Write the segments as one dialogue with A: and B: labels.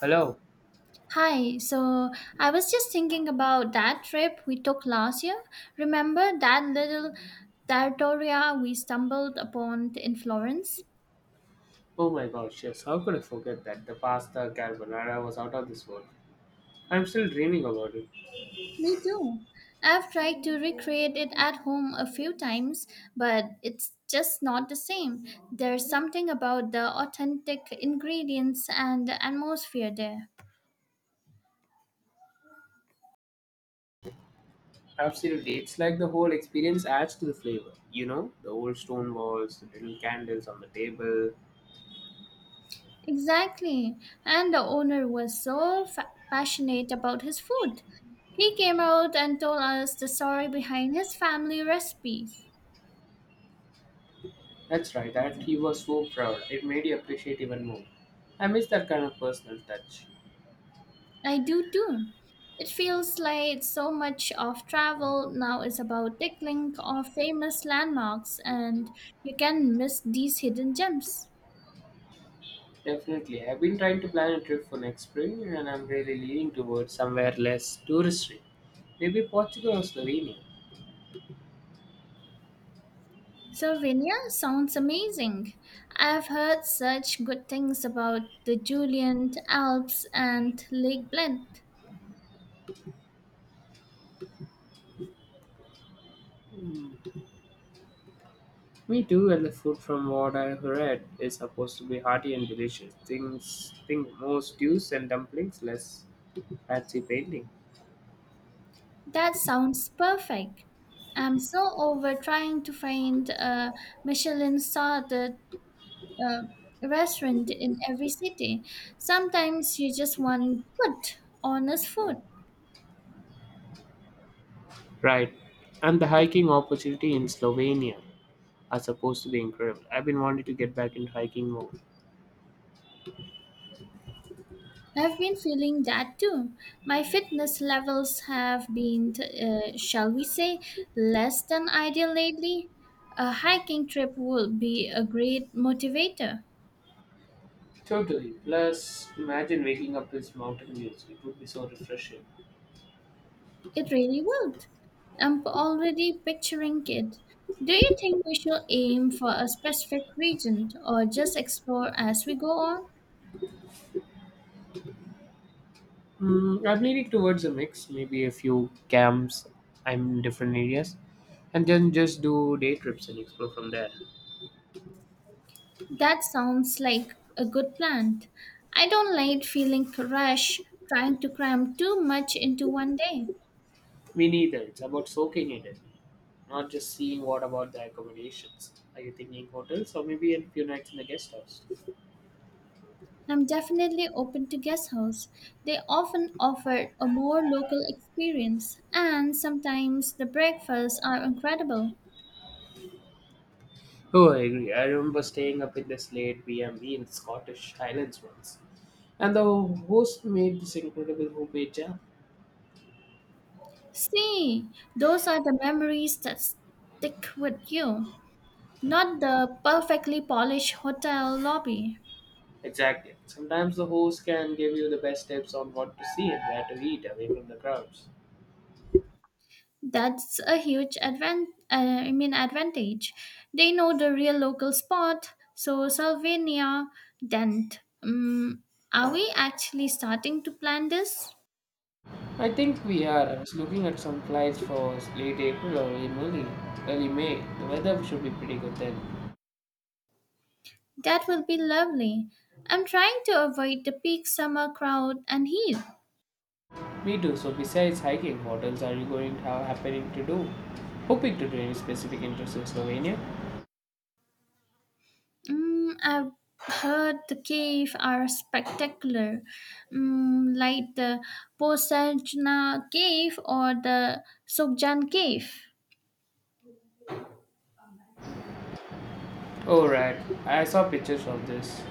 A: Hello.
B: Hi, so I was just thinking about that trip we took last year. Remember that little territoria we stumbled upon in Florence?
A: Oh my gosh, yes, how could I forget that? The pasta carbonara was out of this world. I'm still dreaming about it.
B: Me too. I've tried to recreate it at home a few times, but it's just not the same. There's something about the authentic ingredients and the atmosphere there.
A: Absolutely, it's like the whole experience adds to the flavor. You know, the old stone walls, the little candles on the table.
B: Exactly. And the owner was so passionate about his food. He came out and told us the story behind his family recipes.
A: That's right, that he was so proud. It made you appreciate even more. I miss that kind of personal touch.
B: I do too. It feels like so much of travel now is about tickling of famous landmarks and you can miss these hidden gems.
A: Definitely, I've been trying to plan a trip for next spring and I'm really leaning towards somewhere less touristy. Maybe Portugal or Slovenia.
B: Slovenia sounds amazing. I've heard such good things about the Julian Alps and Lake Bled.
A: Me too, and the food from what I read is supposed to be hearty and delicious. Things think more stews and dumplings, less fancy painting.
B: That sounds perfect. I'm so over trying to find a Michelin starred restaurant in every city. Sometimes you just want good, honest food.
A: Right. And the hiking opportunity in Slovenia are supposed to be incredible. I've been wanting to get back into hiking more.
B: I've been feeling that too. My fitness levels have been, shall we say, less than ideal lately. A hiking trip would be a great motivator.
A: Totally. Plus, imagine waking up with mountain views. It would be so refreshing.
B: It really would. I'm already picturing it. Do you think we should aim for a specific region or just explore as we go on?
A: I'm leaning towards a mix, maybe a few camps I'm in different areas, and then just do day trips and explore from there.
B: That sounds like a good plan. I don't like feeling rushed trying to cram too much into one day.
A: Me neither. It's about soaking in it, not just seeing what about the accommodations. Are you thinking hotels or maybe a few nights in the guest house?
B: I'm definitely open to guest house. They often offer a more local experience and sometimes the breakfasts are incredible.
A: Oh, I agree. I remember staying up in this late B&B in Scottish Highlands once. And the host made this incredible homemade jam.
B: See, those are the memories that stick with you, not the perfectly polished hotel lobby.
A: Exactly. Sometimes the host can give you the best tips on what to see and where to eat away from the crowds.
B: That's a huge advantage. They know the real local spot. So Sylvania, Dent. Are we actually starting to plan this?
A: I think we are. I was looking at some flights for late April or early May. Early May. The weather should be pretty good then.
B: That will be lovely. I'm trying to avoid the peak summer crowd and heat.
A: Me too. So besides hiking, what else are you going happening to do? Hoping to do any specific interests in Slovenia?
B: Mm, I've heard the cave are spectacular, mm, like the Posajna cave or the Sokjan cave.
A: Oh right, I saw pictures of this.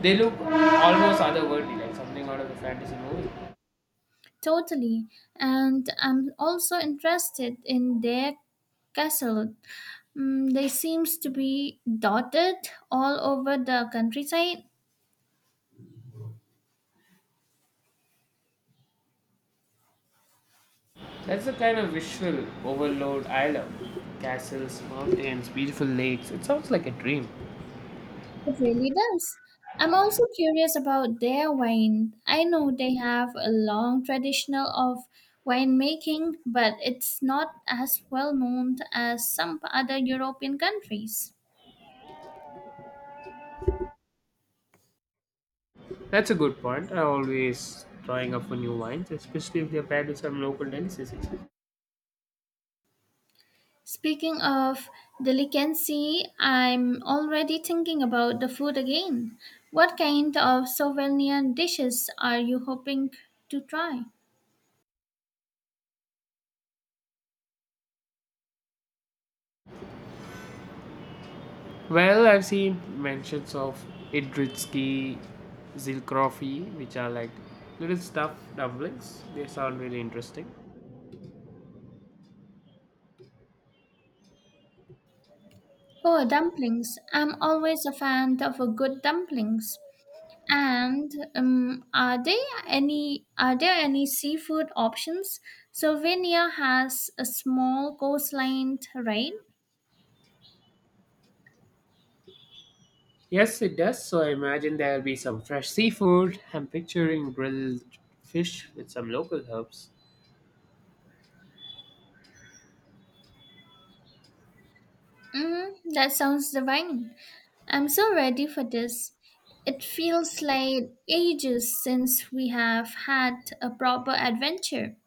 A: They look almost otherworldly, like something out of a fantasy movie.
B: Totally, and I'm also interested in their castle. Mm, they seems to be dotted all over the countryside.
A: That's the kind of visual overload I love. Castles, mountains, beautiful lakes. It sounds like a dream.
B: It really does. I'm also curious about their wine. I know they have a long tradition of winemaking, but it's not as well known as some other European countries.
A: That's a good point. I am always trying up for new wines, especially if they're paired with some local delicacies.
B: Speaking of delicacy, I'm already thinking about the food again. What kind of souvenir dishes are you hoping to try?
A: Well, I've seen mentions of Idritsky Zilkrofi, which are like little stuffed dumplings. They sound really interesting.
B: Oh, dumplings. I'm always a fan of a good dumplings. And Are there any seafood options? Slovenia has a small coastline, right?
A: Yes, it does. So I imagine there'll be some fresh seafood. I'm picturing grilled fish with some local herbs.
B: Mm, that sounds divine. I'm so ready for this. It feels like ages since we have had a proper adventure.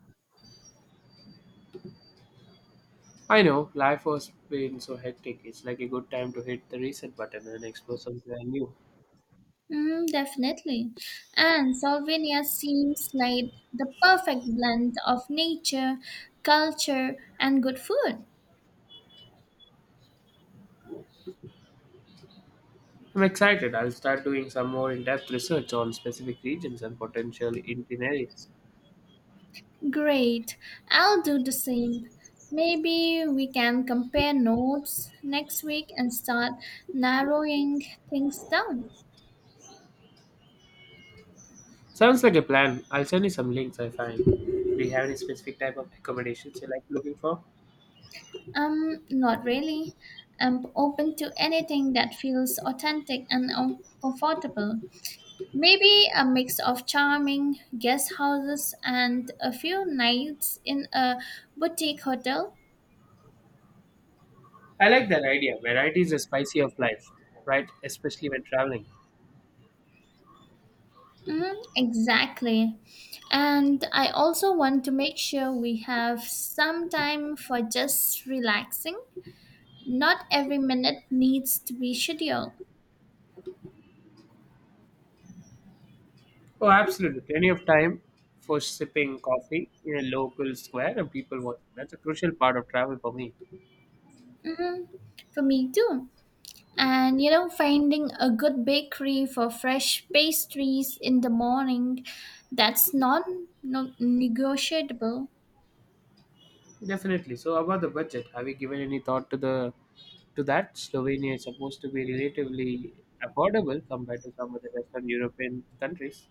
A: I know, life was being so hectic. It's like a good time to hit the reset button and explore something new.
B: Mm, definitely. And Slovenia seems like the perfect blend of nature, culture, and good food.
A: I'm excited. I'll start doing some more in depth research on specific regions and potential itineraries.
B: Great, I'll do the same. Maybe we can compare notes next week and start narrowing things down.
A: Sounds like a plan. I'll send you some links I find. Do you have any specific type of accommodations you like looking for?
B: Not really. I'm open to anything that feels authentic and comfortable. Maybe a mix of charming guest houses and a few nights in a boutique hotel.
A: I like that idea. Variety is the spicy of life, right? Especially when traveling.
B: Mhm, exactly. And I also want to make sure we have some time for just relaxing. Not every minute needs to be scheduled.
A: Oh, absolutely. Plenty of time for sipping coffee in a local square and people watching. That's a crucial part of travel for me.
B: Hmm. For me too. And you know, finding a good bakery for fresh pastries in the morning, that's not negotiable.
A: Definitely. So, about the budget, have you given any thought to that? Slovenia is supposed to be relatively affordable compared to some of the Western European countries.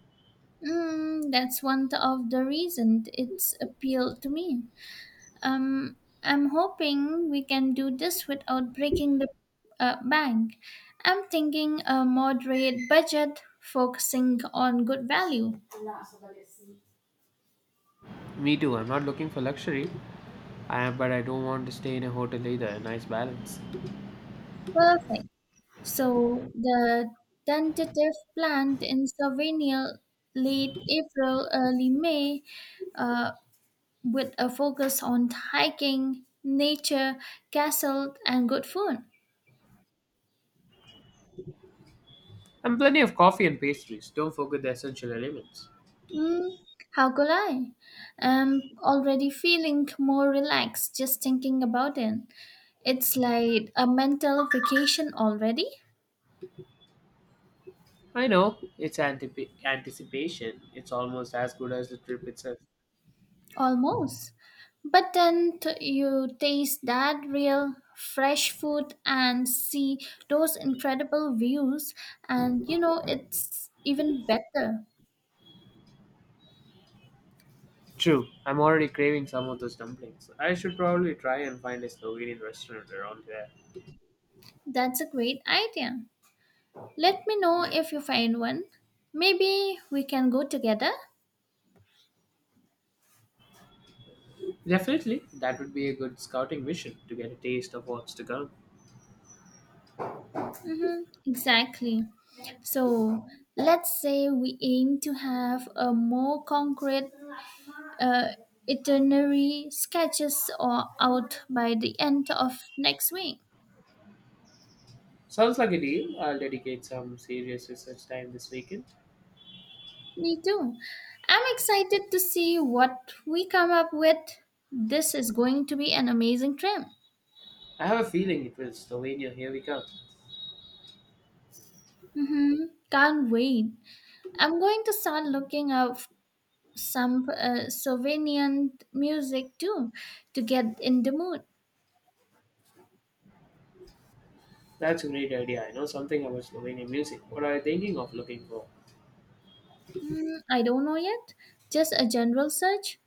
B: Mm, that's one of the reasons it's appealed to me. Um, I'm hoping we can do this without breaking the bank. I'm thinking a moderate budget focusing on good value.
A: Me too. I'm not looking for luxury, but I don't want to stay in a hotel either. A nice balance.
B: Perfect. So the tentative plant in Slovenia late April, early May, uh, with a focus on hiking, nature, castle, and good food.
A: And plenty of coffee and pastries. Don't forget the essential elements.
B: Mm, how could I? I'm already feeling more relaxed just thinking about it. It's like a mental vacation already,
A: I know, it's anticipation. It's almost as good as the trip itself.
B: almost. But then you taste that real fresh food and see those incredible views, and you know, it's even better.
A: True, I'm already craving some of those dumplings. I should probably try and find a Slovenian restaurant around here.
B: That's a great idea. Let me know if you find one. Maybe we can go together.
A: Definitely, that would be a good scouting mission to get a taste of what's to come.
B: Mm-hmm, exactly. So let's say we aim to have a more concrete uh, itinerary sketches or out by the end of next week.
A: Sounds like a deal. I'll dedicate some serious research time this weekend.
B: Me too. I'm excited to see what we come up with. This is going to be an amazing trip.
A: I have a feeling it will. Slovenia, here we come.
B: Mm-hmm. Can't wait. I'm going to start looking up some Slovenian music too to get in the mood.
A: That's a great idea. I know something about Slovenian music. What are you thinking of looking for?
B: Mm, I don't know yet. Just a general search.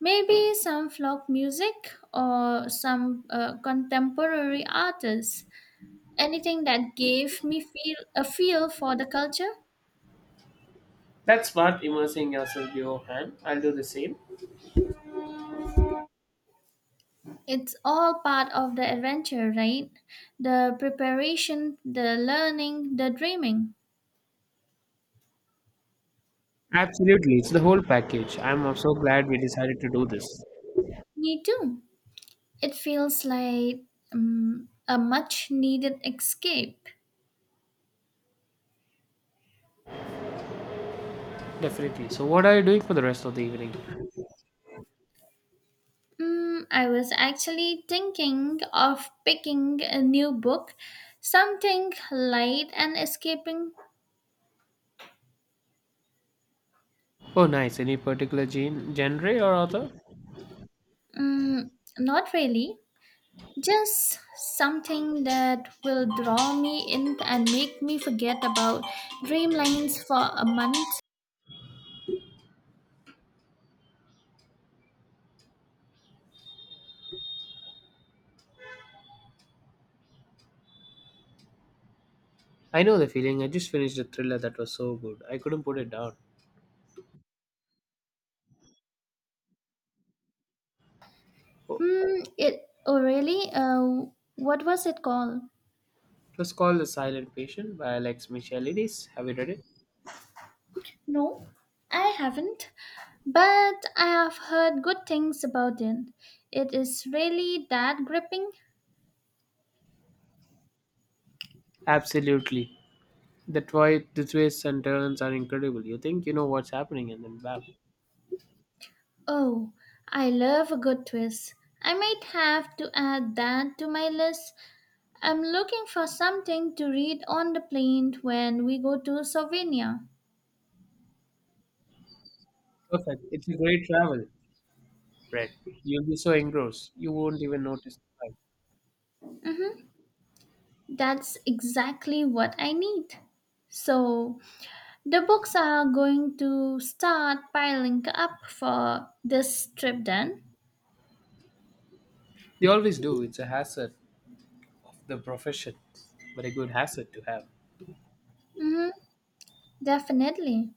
B: Maybe some folk music or some contemporary artists. Anything that gave me feel a feel for the culture.
A: That's smart, immersing yourself beforehand. I'll do the same.
B: It's all part of the adventure, right? The preparation, the learning, the dreaming.
A: Absolutely, it's the whole package. I'm so glad we decided to do this.
B: Me too. It feels like a much needed escape.
A: Definitely. So, what are you doing for the rest of the evening?
B: Mm, I was actually thinking of picking a new book, something light and escaping.
A: Oh, nice. Any particular genre or author?
B: Mm, not really, just something that will draw me in and make me forget about Dreamlines for a month.
A: I know the feeling. I just finished a thriller that was so good. I couldn't put it down. Oh,
B: Mm, it oh really? What was it called?
A: it was called The Silent Patient by Alex Michalides. Have you read it?
B: No, I haven't, but I have heard good things about it. It is really that gripping.
A: Absolutely. The why the twists and turns are incredible. You think you know what's happening, and then bam,
B: Oh, I love a good twist. I might have to add that to my list. I'm looking for something to read on the plane when we go to Slovenia.
A: perfect. It's a great travel, Brett. You'll be so engrossed, you won't even notice the time.
B: That's exactly what I need. So, the books are going to start piling up for this trip then?
A: They always do. It's a hazard, the profession, but a good hazard to have.
B: Mm-hmm, definitely.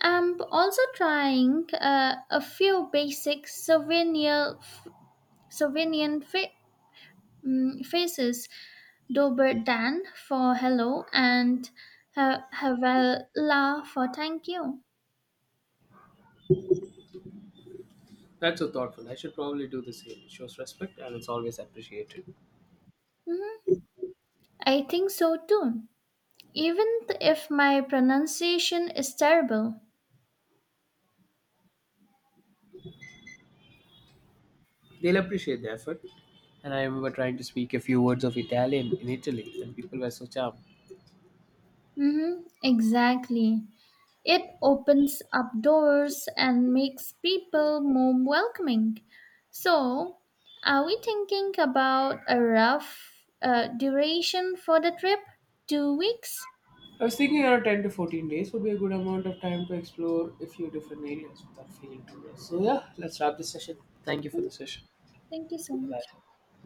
B: I'm also trying a few basic souvenir, Slovenian faces Dober Dan for hello and Havela for thank you.
A: That's so thoughtful. I should probably do the same. It shows respect, and it's always appreciated.
B: Mhm. I think so too, even if my pronunciation is terrible.
A: They'll appreciate the effort. And I remember trying to speak a few words of Italian in Italy, and people were so charmed.
B: Mhm, exactly. It opens up doors and makes people more welcoming. So, are we thinking about a rough duration for the trip? 2 weeks?
A: I was thinking around 10 to 14 days would be a good amount of time to explore a few different areas without feeling too rushed. So, yeah, let's wrap this session. Thank you for
B: Mhm,
A: the session.
B: thank you so
A: Bye
B: much.
A: bye.